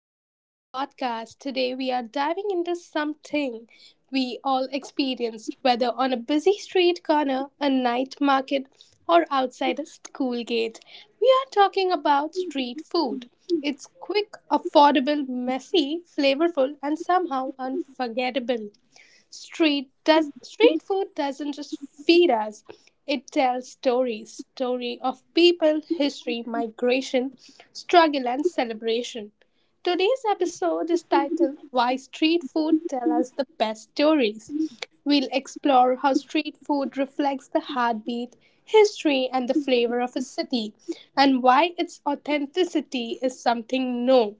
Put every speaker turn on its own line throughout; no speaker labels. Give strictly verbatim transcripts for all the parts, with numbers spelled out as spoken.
back to the podcast. Today we are diving into something we all experienced, whether on a busy street corner, a night market, or outside a school gate. We are talking about street food. It's quick, affordable, messy, flavorful, and somehow unforgettable. Street does street food doesn't just feed us, it tells stories story of people, history, migration, struggle, and celebration. Today's episode is titled Why Street Food Tell Us the Best Stories. We'll explore how street food reflects the heartbeat, history, and the flavor of a city, and why its authenticity is something no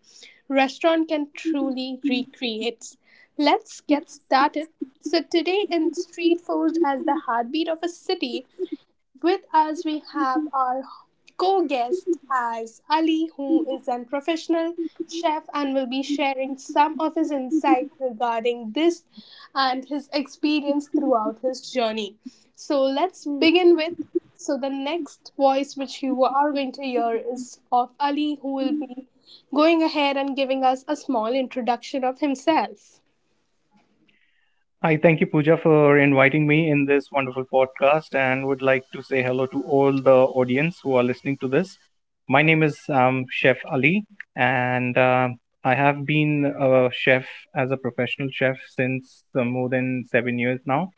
restaurant can truly recreate. Let's get started. So, today in Street Food as the Heartbeat of a City, with us, we have our co guest as Ali, who is a professional chef and will be sharing some of his insight regarding this and his experience throughout his journey. So, let's begin with. So, the next voice which you are going to hear is of Ali, who will be going ahead and giving us a small introduction of himself.
Hi, thank you, Pooja, for inviting me in this wonderful podcast and would like to say hello to all the audience who are listening to this. My name is um, Chef Ali, and uh, I have been a chef as a professional chef since uh, more than seven years now,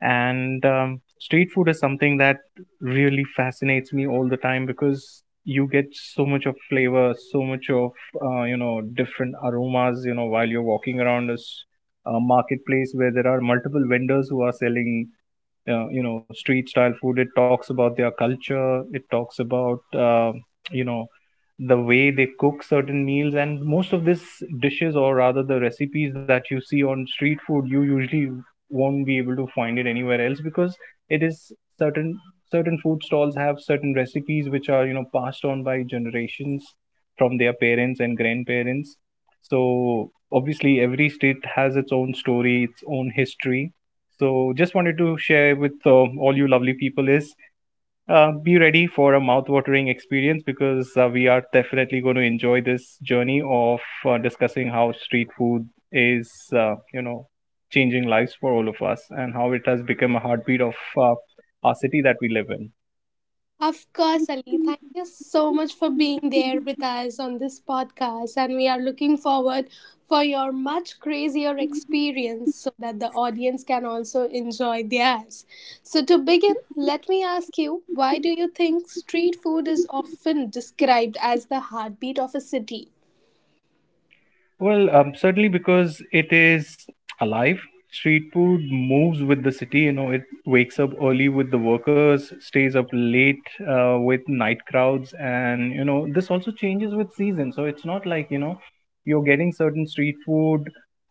and um, street food is something that really fascinates me all the time because you get so much of flavor, so much of uh, you know different aromas, you know, while you're walking around a s- a marketplace where there are multiple vendors who are selling uh, you know, street style food. It talks about their culture, it talks about uh, you know the way they cook certain meals. And most of these dishes, or rather the recipes that you see on street food, you usually won't be able to find it anywhere else because it is certain certain food stalls have certain recipes which are, you know, passed on by generations from their parents and grandparents. So obviously every state has its own story, its own history. So, just wanted to share with uh, all you lovely people is, uh, be ready for a mouth-watering experience because uh, we are definitely going to enjoy this journey of uh, discussing how street food is, uh, you know, changing lives for all of us, and how it has become a heartbeat of uh, our city that we live in.
Of course, Ali. Thank you so much for being there with us on this podcast, and we are looking forward for your much crazier experience so that the audience can also enjoy theirs. So to begin, let me ask you, why do you think street food is often described as the heartbeat of a city?
Well, um, certainly because it is alive. Street food moves with the city. You know, it wakes up early with the workers, stays up late uh, with night crowds, and you know this also changes with season. So it's not like, you know, you're getting certain street food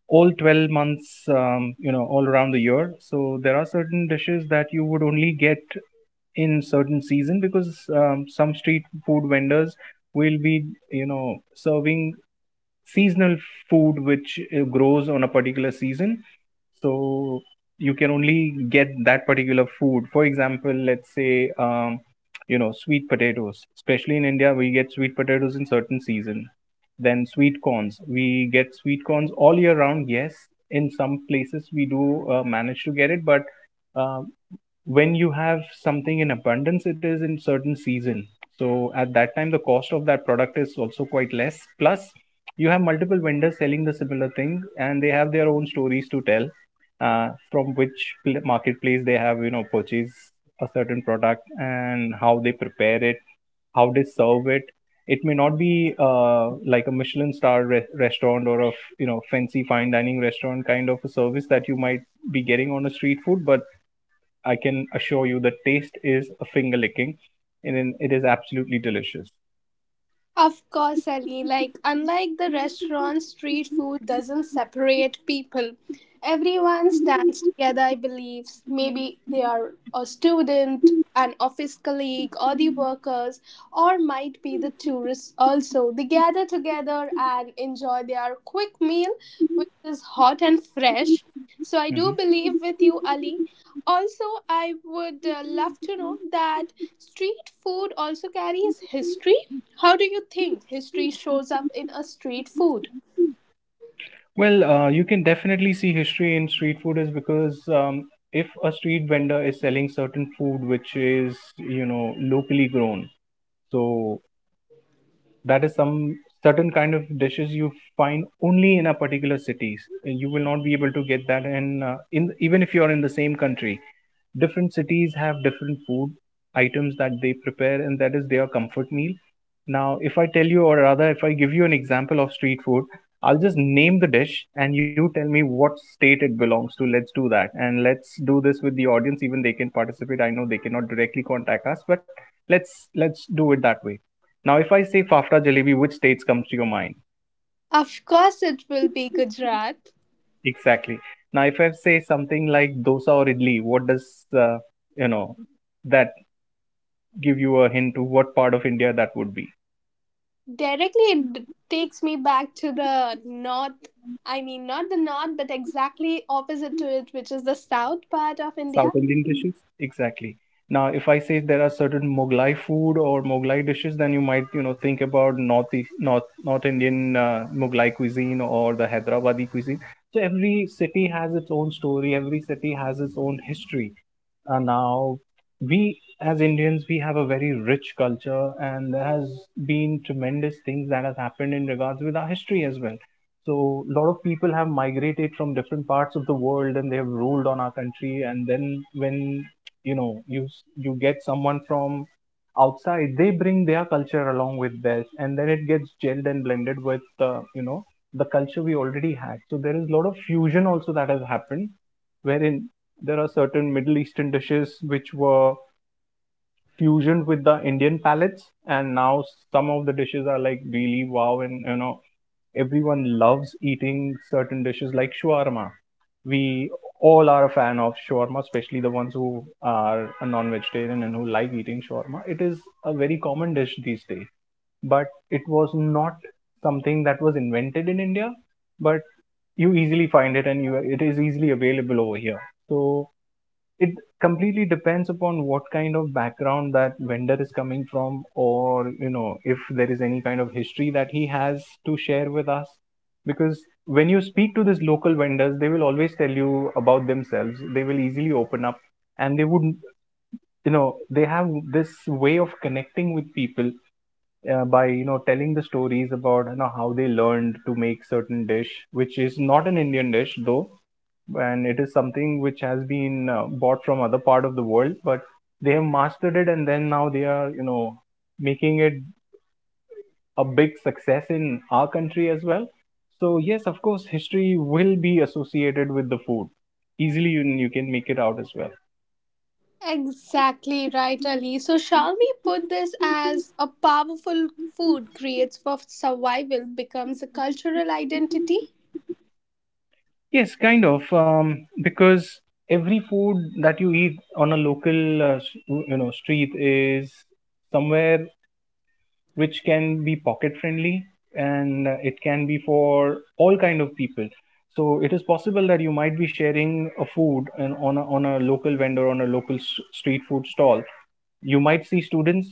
all twelve months. Um, you know, all around the year. So there are certain dishes that you would only get in certain season because um, some street food vendors will be, you know, serving seasonal food which uh, grows on a particular season. So you can only get that particular food. For example, let's say, um, you know sweet potatoes, especially in India, we get sweet potatoes in certain season. Then sweet corns, we get sweet corns all year round. Yes, in some places we do uh, manage to get it, but uh, when you have something in abundance, it is in certain season. So at that time the cost of that product is also quite less, plus you have multiple vendors selling the similar thing and they have their own stories to tell, uh, from which pl- marketplace they have, you know, purchased a certain product, and how they prepare it, how they serve it. It may not be uh, like a Michelin star re- restaurant or a f- you know, fancy fine dining restaurant kind of a service that you might be getting on a street food, but I can assure you the taste is a finger licking, and then it is absolutely delicious.
Of course, Ali. Like, unlike the restaurant, street food doesn't separate people. Everyone stands together, I believe. Maybe they are a student, an office colleague, or the workers, or might be the tourists also. They gather together and enjoy their quick meal, which is hot and fresh. So, I do
Hmm.
believe with you, Ali. Also, I would uh, love to know that street food also carries history. How do you think history shows up in a street food?
Well, uh, you can definitely see history in street food is because, um, if a street vendor is selling certain food which is, you know, locally grown, so that is some certain kind of dishes you find only in a particular cities. You will not be able to get that in, uh, in, even if you are in the same country, different cities have different food items that they prepare, and that is their comfort meal. Now if I tell you, or rather if I give you an example of street food, I'll just name the dish and you tell me what state it belongs to. Let's do that, and let's do this with the audience. Even they can participate. I know they cannot directly contact us, but let's let's do it that way. Now, if I say Fafra Jalebi, which states comes to your mind?
Of course, it will be Gujarat.
Exactly. Now, if I say something like dosa or idli, what does uh, you know that give you a hint to what part of India that would be?
Directly, it d- takes me back to the north. I mean, not the north, but exactly opposite to it, which is the south part of
South
India.
Indian dishes. Exactly. Now, if I say there are certain Mughlai food or Mughlai dishes, then you might, you know, think about North East- North North Indian uh, Mughlai cuisine or the Hyderabadi cuisine. So every city has its own story. Every city has its own history. Uh, now, we as Indians, we have a very rich culture, and there has been tremendous things that has happened in regards with our history as well. So, a lot of people have migrated from different parts of the world, and they have ruled on our country. And then, when, you know, you s- you get someone from outside, they bring their culture along with theirs, and then it gets gelled and blended with uh, you know the culture we already had. So there is a lot of fusion also that has happened, wherein there are certain Middle Eastern dishes which were fusioned with the Indian palates, and now some of the dishes are like really wow, and you know everyone loves eating certain dishes like shawarma. We all are a fan of shawarma, especially the ones who are a non-vegetarian and who like eating shawarma. It is a very common dish these days, but it was not something that was invented in India, but you easily find it and you it is easily available over here. So it completely depends upon what kind of background that vendor is coming from, or you know, if there is any kind of history that he has to share with us, because when you speak to these local vendors they will always tell you about themselves. They will easily open up, and they would, you know, they have this way of connecting with people uh, by, you know, telling the stories about, you know, how they learned to make certain dish which is not an Indian dish though, and it is something which has been uh, bought from other part of the world, but they have mastered it, and then now they are, you know, making it a big success in our country as well. So yes, of course history will be associated with the food easily. You, you can make it out as well.
Exactly right, Ali. So, shall we put this as a powerful food creates for survival becomes a cultural identity?
Yes, kind of. Um, because every food that you eat on a local, uh, s- you know, street is somewhere which can be pocket friendly, and uh, it can be for all kind of people. So it is possible that you might be sharing a food and on a, on a local vendor, on a local s- street food stall, you might see students,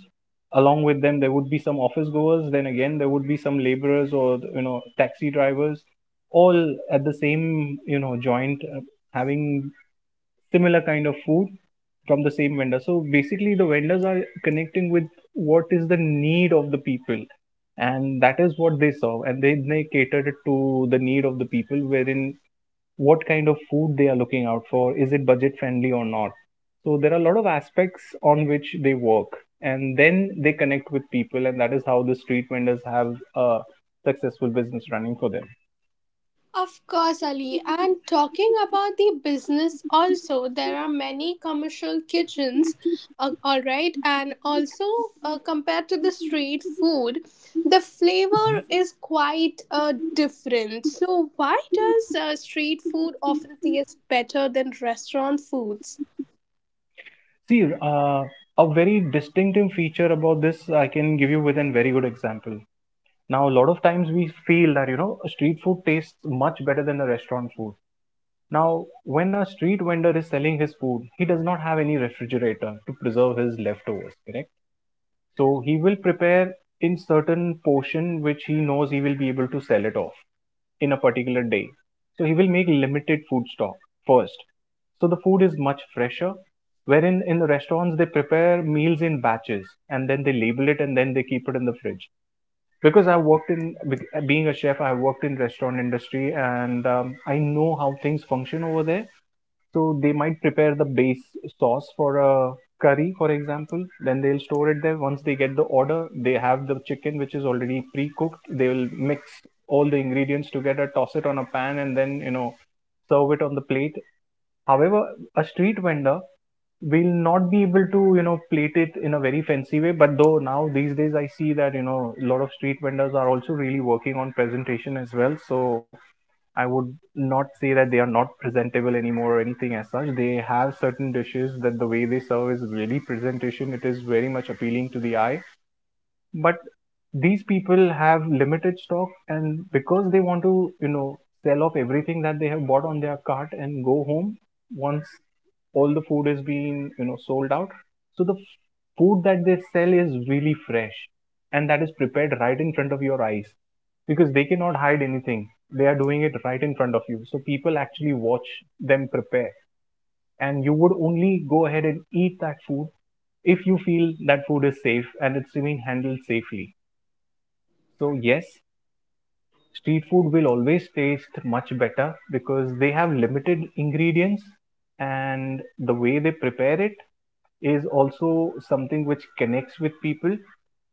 along with them there would be some office goers, then again there would be some laborers, or you know, taxi drivers, all at the same, you know, joint, uh, having similar kind of food from the same vendor. So basically the vendors are connecting with what is the need of the people, and that is what they serve, and they, they catered it to the need of the people, wherein what kind of food they are looking out for, is it budget friendly or not. So there are a lot of aspects on which they work, and then they connect with people, and that is how the street vendors have a successful business running for them.
Of course, Ali. And talking about the business, also, there are many commercial kitchens, uh, all right, and also uh, compared to the street food, the flavor is quite uh, different. So, why does uh, street food often taste better than restaurant foods?
See, uh, a very distinctive feature about this I can give you with a very good example. Now a lot of times we feel that, you know, street food tastes much better than the restaurant food. Now when a street vendor is selling his food, he does not have any refrigerator to preserve his leftovers, correct? So he will prepare in certain portion which he knows he will be able to sell it off in a particular day. So he will make limited food stock first. So the food is much fresher. Wherein in the restaurants they prepare meals in batches, and then they label it, and then they keep it in the fridge. Because I worked in, being a chef, I worked in restaurant industry, and um, I know how things function over there. So they might prepare the base sauce for a curry, for example. Then they'll store it there. Once they get the order, they have the chicken which is already pre-cooked. They will mix all the ingredients together, toss it on a pan, and then, you know, serve it on the plate. However, a street vendor will not be able to, you know, plate it in a very fancy way. But though now these days I see that, you know, a lot of street vendors are also really working on presentation as well. So I would not say that they are not presentable anymore or anything as such. They have certain dishes that the way they serve is really presentation. It is very much appealing to the eye, but these people have limited stock, and because they want to you know sell off everything that they have bought on their cart and go home once all the food is being you know sold out. So the f- food that they sell is really fresh, and that is prepared right in front of your eyes because they cannot hide anything. They are doing it right in front of you, so people actually watch them prepare. And you would only go ahead and eat that food if you feel that food is safe and it's being handled safely. So yes, street food will always taste much better because they have limited ingredients, and the way they prepare it is also something which connects with people.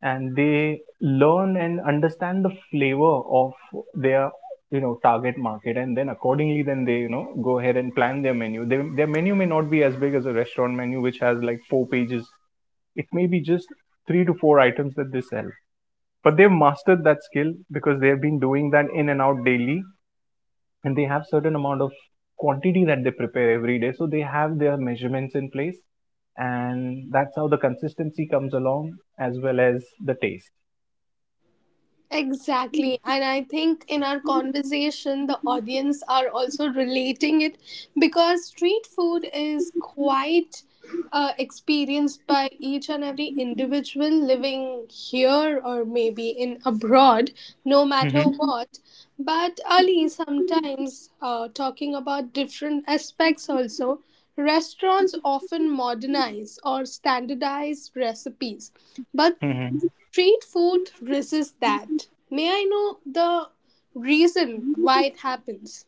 And they learn and understand the flavor of their you know target market, and then accordingly then they you know go ahead and plan their menu. They, their menu may not be as big as a restaurant menu, which has like four pages. It may be just three to four items that they sell, but they've mastered that skill because they have been doing that in and out daily. And they have certain amount of quantity that they prepare every day, so they have their measurements in place, and that's how the consistency comes along as well as the taste.
Exactly. And I think in our conversation, the audience are also relating it because street food is quite uh, experienced by each and every individual living here or maybe in abroad, no matter
Mm-hmm.
what. But Ali, sometimes uh, talking about different aspects also, restaurants often modernize or standardize recipes. But
Mm-hmm.
street food resists that. May I know the reason why it happens?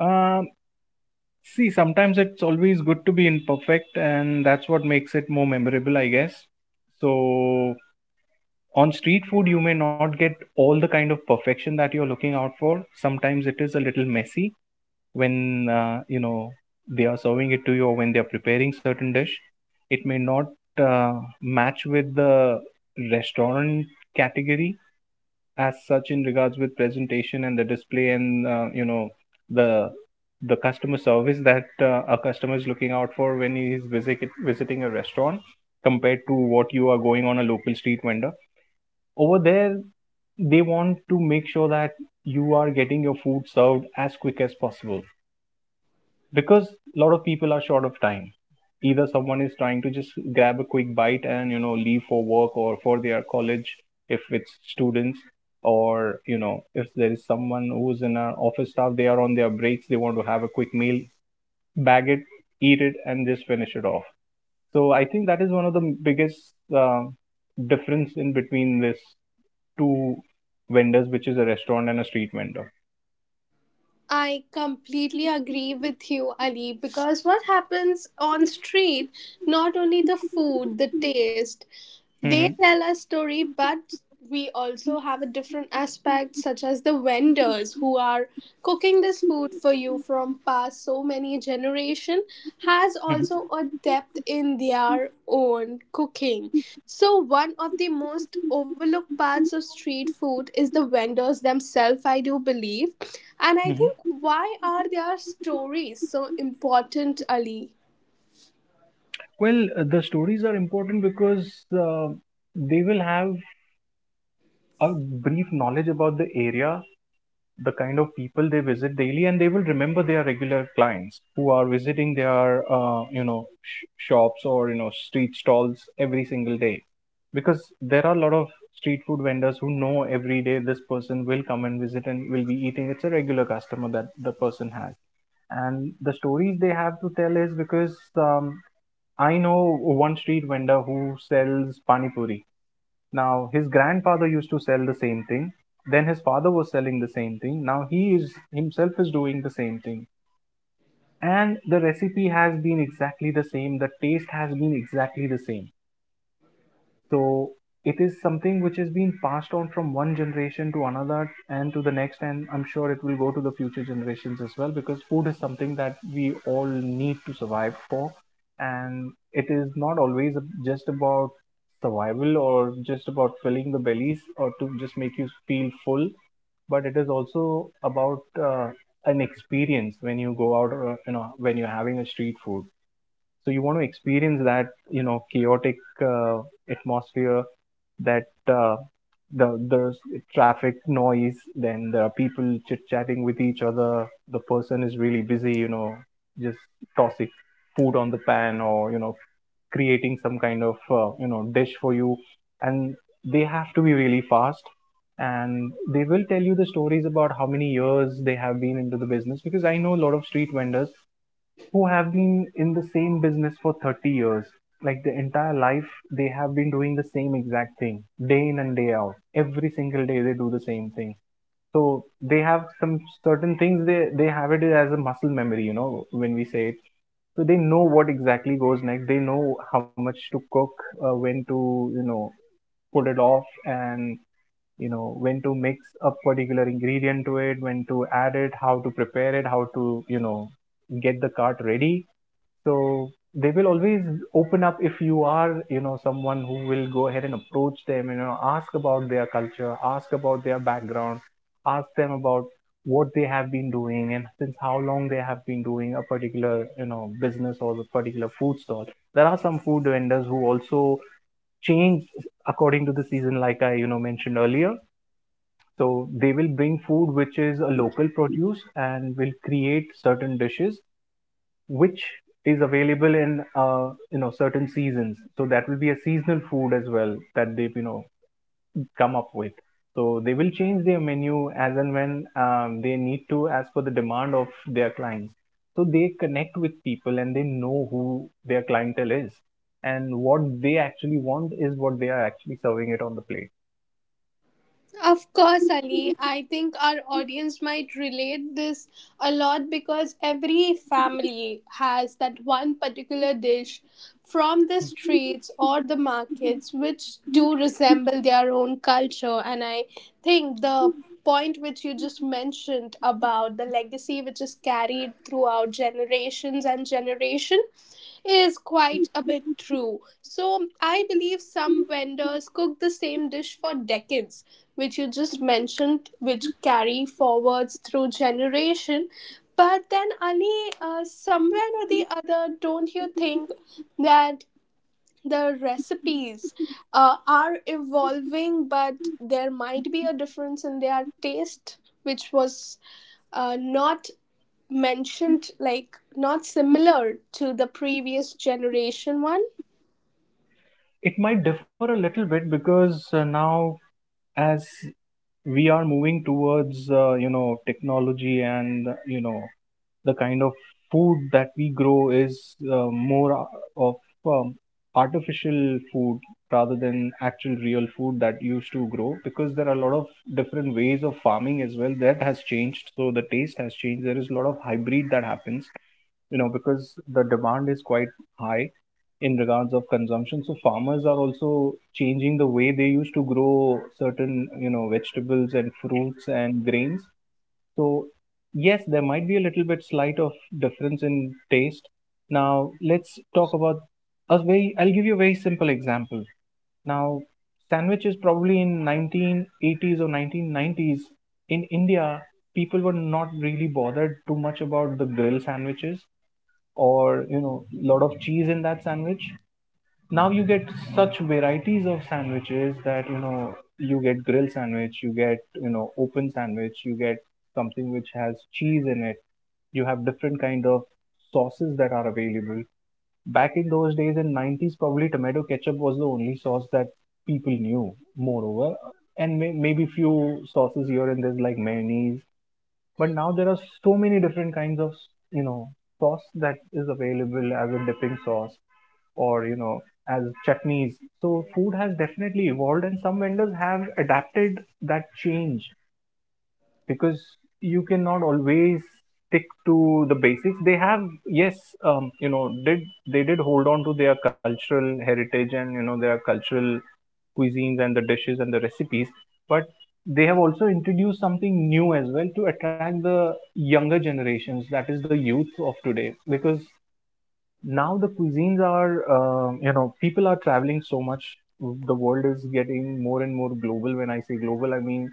um, See, sometimes it's always good to be imperfect, and that's what makes it more memorable, I guess. So on street food you may not get all the kind of perfection that you're looking out for. Sometimes it is a little messy when uh, you know they are serving it to you or when they are preparing certain dish. It may not uh, match with the restaurant category as such in regards with presentation and the display and uh, you know the the customer service that uh, a customer is looking out for when he is visit, visiting a restaurant compared to what you are going on a local street vendor. Over there, they want to make sure that you are getting your food served as quick as possible because a lot of people are short of time. Either someone is trying to just grab a quick bite and you know leave for work or for their college, if it's students, or you know if there is someone who's in our office staff, they are on their breaks, they want to have a quick meal, bag it, eat it, and just finish it off. So I think that is one of the biggest uh, difference in between this two vendors, which is a restaurant and a street vendor.
I completely agree with you, Ali, because what happens on street, not only the food, the taste, they
Mm-hmm.
tell a story, but we also have a different aspect, such as the vendors who are cooking this food for you from past so many generation, has also a depth in their own cooking. So one of the most overlooked parts of street food is the vendors themselves, I do believe. And I think,
Mm-hmm.
why are their stories so important, Ali?
Well, uh, the stories are important because uh, they will have a brief knowledge about the area, the kind of people they visit daily, and they will remember their regular clients who are visiting their, uh, you know, sh- shops or you know street stalls every single day. Because there are a lot of street food vendors who know every day this person will come and visit and will be eating. It's a regular customer that the person has. And the stories they have to tell is because um, I know one street vendor who sells pani puri. Now his grandfather used to sell the same thing. Then his father was selling the same thing. Now he is himself is doing the same thing, and the recipe has been exactly the same. The taste has been exactly the same. So it is something which has been passed on from one generation to another and to the next, and I'm sure it will go to the future generations as well because food is something that we all need to survive for, and it is not always just about survival or just about filling the bellies or to just make you feel full, but it is also about uh, an experience when you go out, uh, you know, when you're having a street food. So you want to experience that you know chaotic uh, atmosphere that uh, the there's traffic noise, then there are people chit chatting with each other. The person is really busy, you know just tossing food on the pan or you know creating some kind of uh, you know dish for you. And they have to be really fast, and they will tell you the stories about how many years they have been into the business because I know a lot of street vendors who have been in the same business for thirty years. Like the entire life, they have been doing the same exact thing day in and day out. Every single day, they do the same thing. So they have some certain things they, they have it as a muscle memory, you know, when we say it. So they know what exactly goes next. They know how much to cook, uh, when to, you know, put it off and, you know, when to mix a particular ingredient to it, when to add it, how to prepare it, how to, you know, get the cart ready. So they will always open up if you are you know someone who will go ahead and approach them and, you know, ask about their culture, ask about their background, ask them about what they have been doing and since how long they have been doing a particular you know business or the particular food stall. There are some food vendors who also change according to the season, like I you know mentioned earlier. So they will bring food which is a local produce and will create certain dishes which is available in uh, you know certain seasons. So that will be a seasonal food as well that they've you know come up with. So they will change their menu as and when um, they need to, as per the demand of their clients. So they connect with people, and they know who their clientele is and what they actually want is what they are actually serving it on the plate.
Of course, Ali. I think our audience might relate this a lot because every family has that one particular dish from the streets or the markets which do resemble their own culture. And I think the point which you just mentioned about the legacy which is carried throughout generations and generation is quite a bit true. So, I believe some vendors cook the same dish for decades, which you just mentioned, which carry forwards through generation. But then, Ali, uh, somewhere or the other, don't you think that the recipes uh, are evolving, but there might be a difference in their taste, which was uh, not mentioned, like not similar to the previous generation one.
It might differ a little bit because uh, now, as we are moving towards uh, you know technology and you know the kind of food that we grow is uh, more a- of um, artificial food rather than actual real food that used to grow because there are a lot of different ways of farming as well that has changed. So the taste has changed. There is a lot of hybrid that happens, you know, because the demand is quite high in regards of consumption. So farmers are also changing the way they used to grow certain, you know, vegetables and fruits and grains. So yes, there might be a little bit slight of difference in taste. Now let's talk about a very. I'll give you a very simple example. Now sandwiches probably in nineteen eighties or nineteen nineties in India, people were not really bothered too much about the grill sandwiches or you know lot of cheese in that sandwich. Now you get such varieties of sandwiches that you know you get grill sandwich, you get you know open sandwich, you get something which has cheese in it. You have different kind of sauces that are available. Back in those days in nineties, probably tomato ketchup was the only sauce that people knew, moreover, and may- maybe few sauces here and there's like mayonnaise. But now there are so many different kinds of you know sauce that is available as a dipping sauce or you know as chutneys. So food has definitely evolved, and some vendors have adapted that change because you cannot always stick to the basics. They have, yes, um, you know, did they did hold on to their cultural heritage and you know their cultural cuisines and the dishes and the recipes, but they have also introduced something new as well to attract the younger generations, that is the youth of today, because now the cuisines are, uh, you know, people are traveling so much. The world is getting more and more global. When I say global, I mean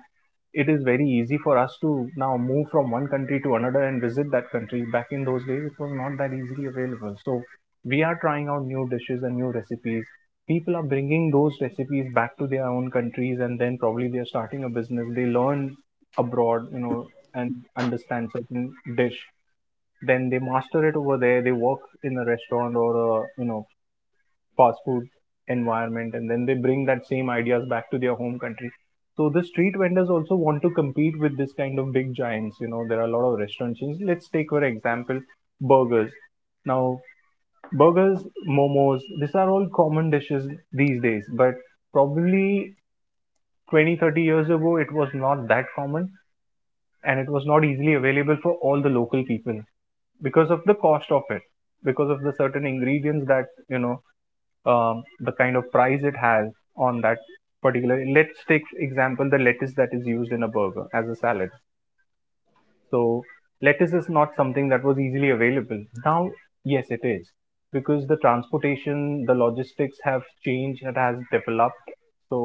it is very easy for us to now move from one country to another and visit that country. Back in those days, it was not that easily available. So we are trying out new dishes and new recipes. People are bringing those recipes back to their own countries, and then probably they are starting a business. They learn abroad, you know, and understand certain dish. Then they master it over there. They work in a restaurant or a you know fast food environment, and then they bring that same ideas back to their home country. So the street vendors also want to compete with this kind of big giants. You know, there are a lot of restaurant chains. Let's take for example burgers. Now burgers, momos, these are all common dishes these days, but probably twenty, thirty years ago it was not that common, and it was not easily available for all the local people because of the cost of it, because of the certain ingredients that you know um, the kind of price it has on that particular. Let's take example the lettuce that is used in a burger as a salad. So lettuce is not something that was easily available. Now yes it is, because the transportation, the logistics have changed. It has developed. So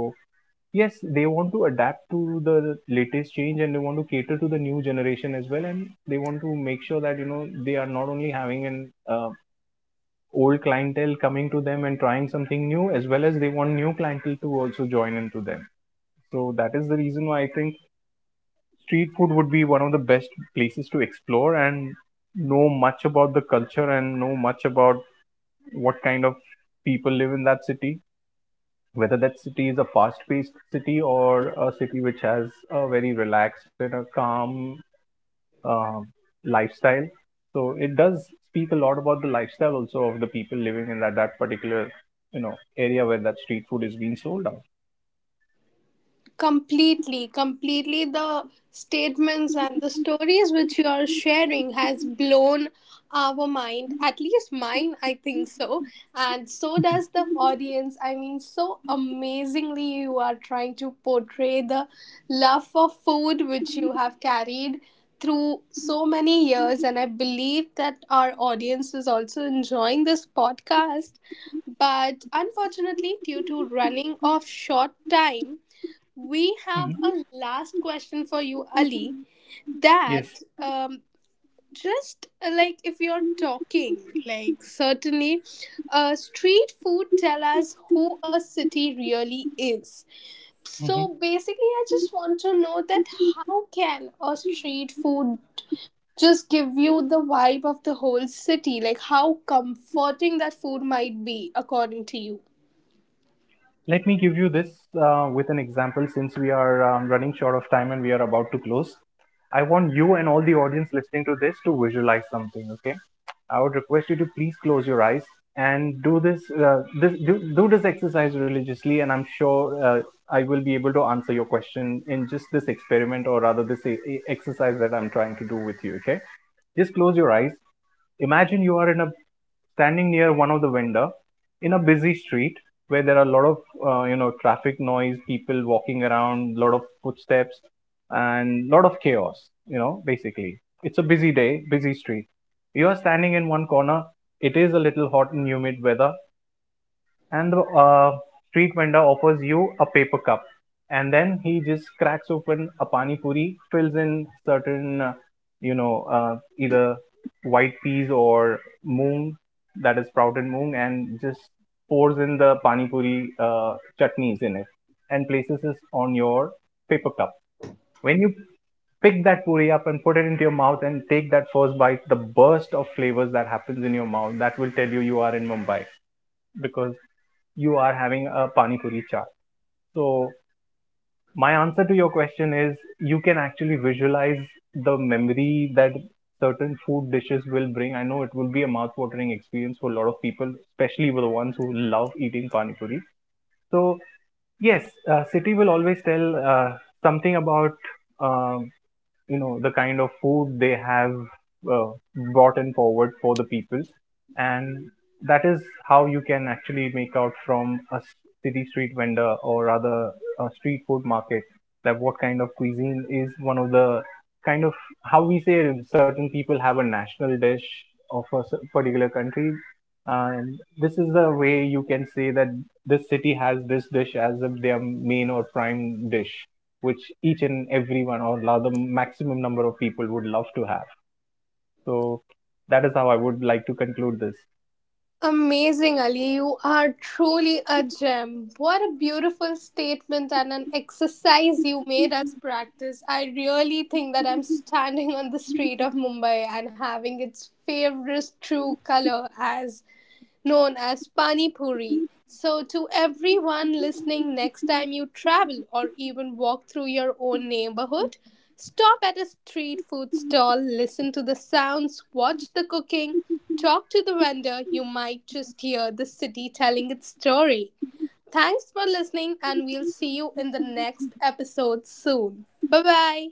yes, they want to adapt to the latest change, and they want to cater to the new generation as well, and they want to make sure that you know they are not only having an uh, old clientele coming to them and trying something new, as well as they want new clientele to also join into them. So that is the reason why I think street food would be one of the best places to explore and know much about the culture and know much about what kind of people live in that city, whether that city is a fast paced city or a city which has a very relaxed and a calm um, lifestyle. So it does speak a lot about the lifestyle also of the people living in that that particular, you know, area where that street food is being sold out.
completely completely the statements and the stories which you are sharing has blown our mind, at least mine, I think so, and so does the audience. I mean, so amazingly you are trying to portray the love for food which you have carried through so many years, and I believe that our audience is also enjoying this podcast. But unfortunately, due to running of short time, we have a
Hmm.
last question for you, Ali.
Yes.
That um, just uh, like if you're talking, like certainly, uh, street food tell us who a city really is.
Mhm.
So basically, I just want to know that how can a street food just give you the vibe of the whole city? Like, how comforting that food might be, according to you.
Let me give you this uh, with an example, since we are um, running short of time and we are about to close. I want you and all the audience listening to this to visualize something, okay? I would request you to please close your eyes and do this, uh, this do, do this exercise religiously, and I'm sure uh, I will be able to answer your question in just this experiment, or rather this e- e- exercise that I'm trying to do with you, okay? Just close your eyes. Imagine you are in a standing near one of the vendor in a busy street where there are a lot of uh, you know traffic noise, people walking around, lot of footsteps, and lot of chaos. You know, basically, it's a busy day, busy street. You are standing in one corner. It is a little hot and humid weather, and the uh, street vendor offers you a paper cup, and then he just cracks open a pani puri, fills in certain uh, you know uh, either white peas or moong, that is sprouted moong, and just pours in the pani puri uh, chutneys in it and places it on your paper cup. When you pick that puri up and put it into your mouth and take that first bite, the burst of flavors that happens in your mouth, that will tell you you are in Mumbai, because you are having a pani puri chaat. So my answer to your question is, you can actually visualize the memory that certain food dishes will bring. I know it will be a mouth-watering experience for a lot of people, especially for the ones who love eating pani puri. So yes, uh, city will always tell uh, something about um, you know the kind of food they have uh, brought in forward for the people, and that is how you can actually make out from a city street vendor, or rather a street food market, that what kind of cuisine is one of the kind of, how we say, certain people have a national dish of a particular country, and this is the way you can say that this city has this dish as if their main or prime dish, which each and everyone or the maximum number of people would love to have. So that is how I would like to conclude this.
Amazing, Ali. You are truly a gem. What a beautiful statement and an exercise you made us practice. I really think that I'm standing on the street of Mumbai and having its favorite true color as known as pani puri. So, to everyone listening, next time you travel or even walk through your own neighborhood, stop at a street food stall, listen to the sounds, watch the cooking, talk to the vendor. You might just hear the city telling its story. Thanks for listening, and we'll see you in the next episode soon. Bye bye.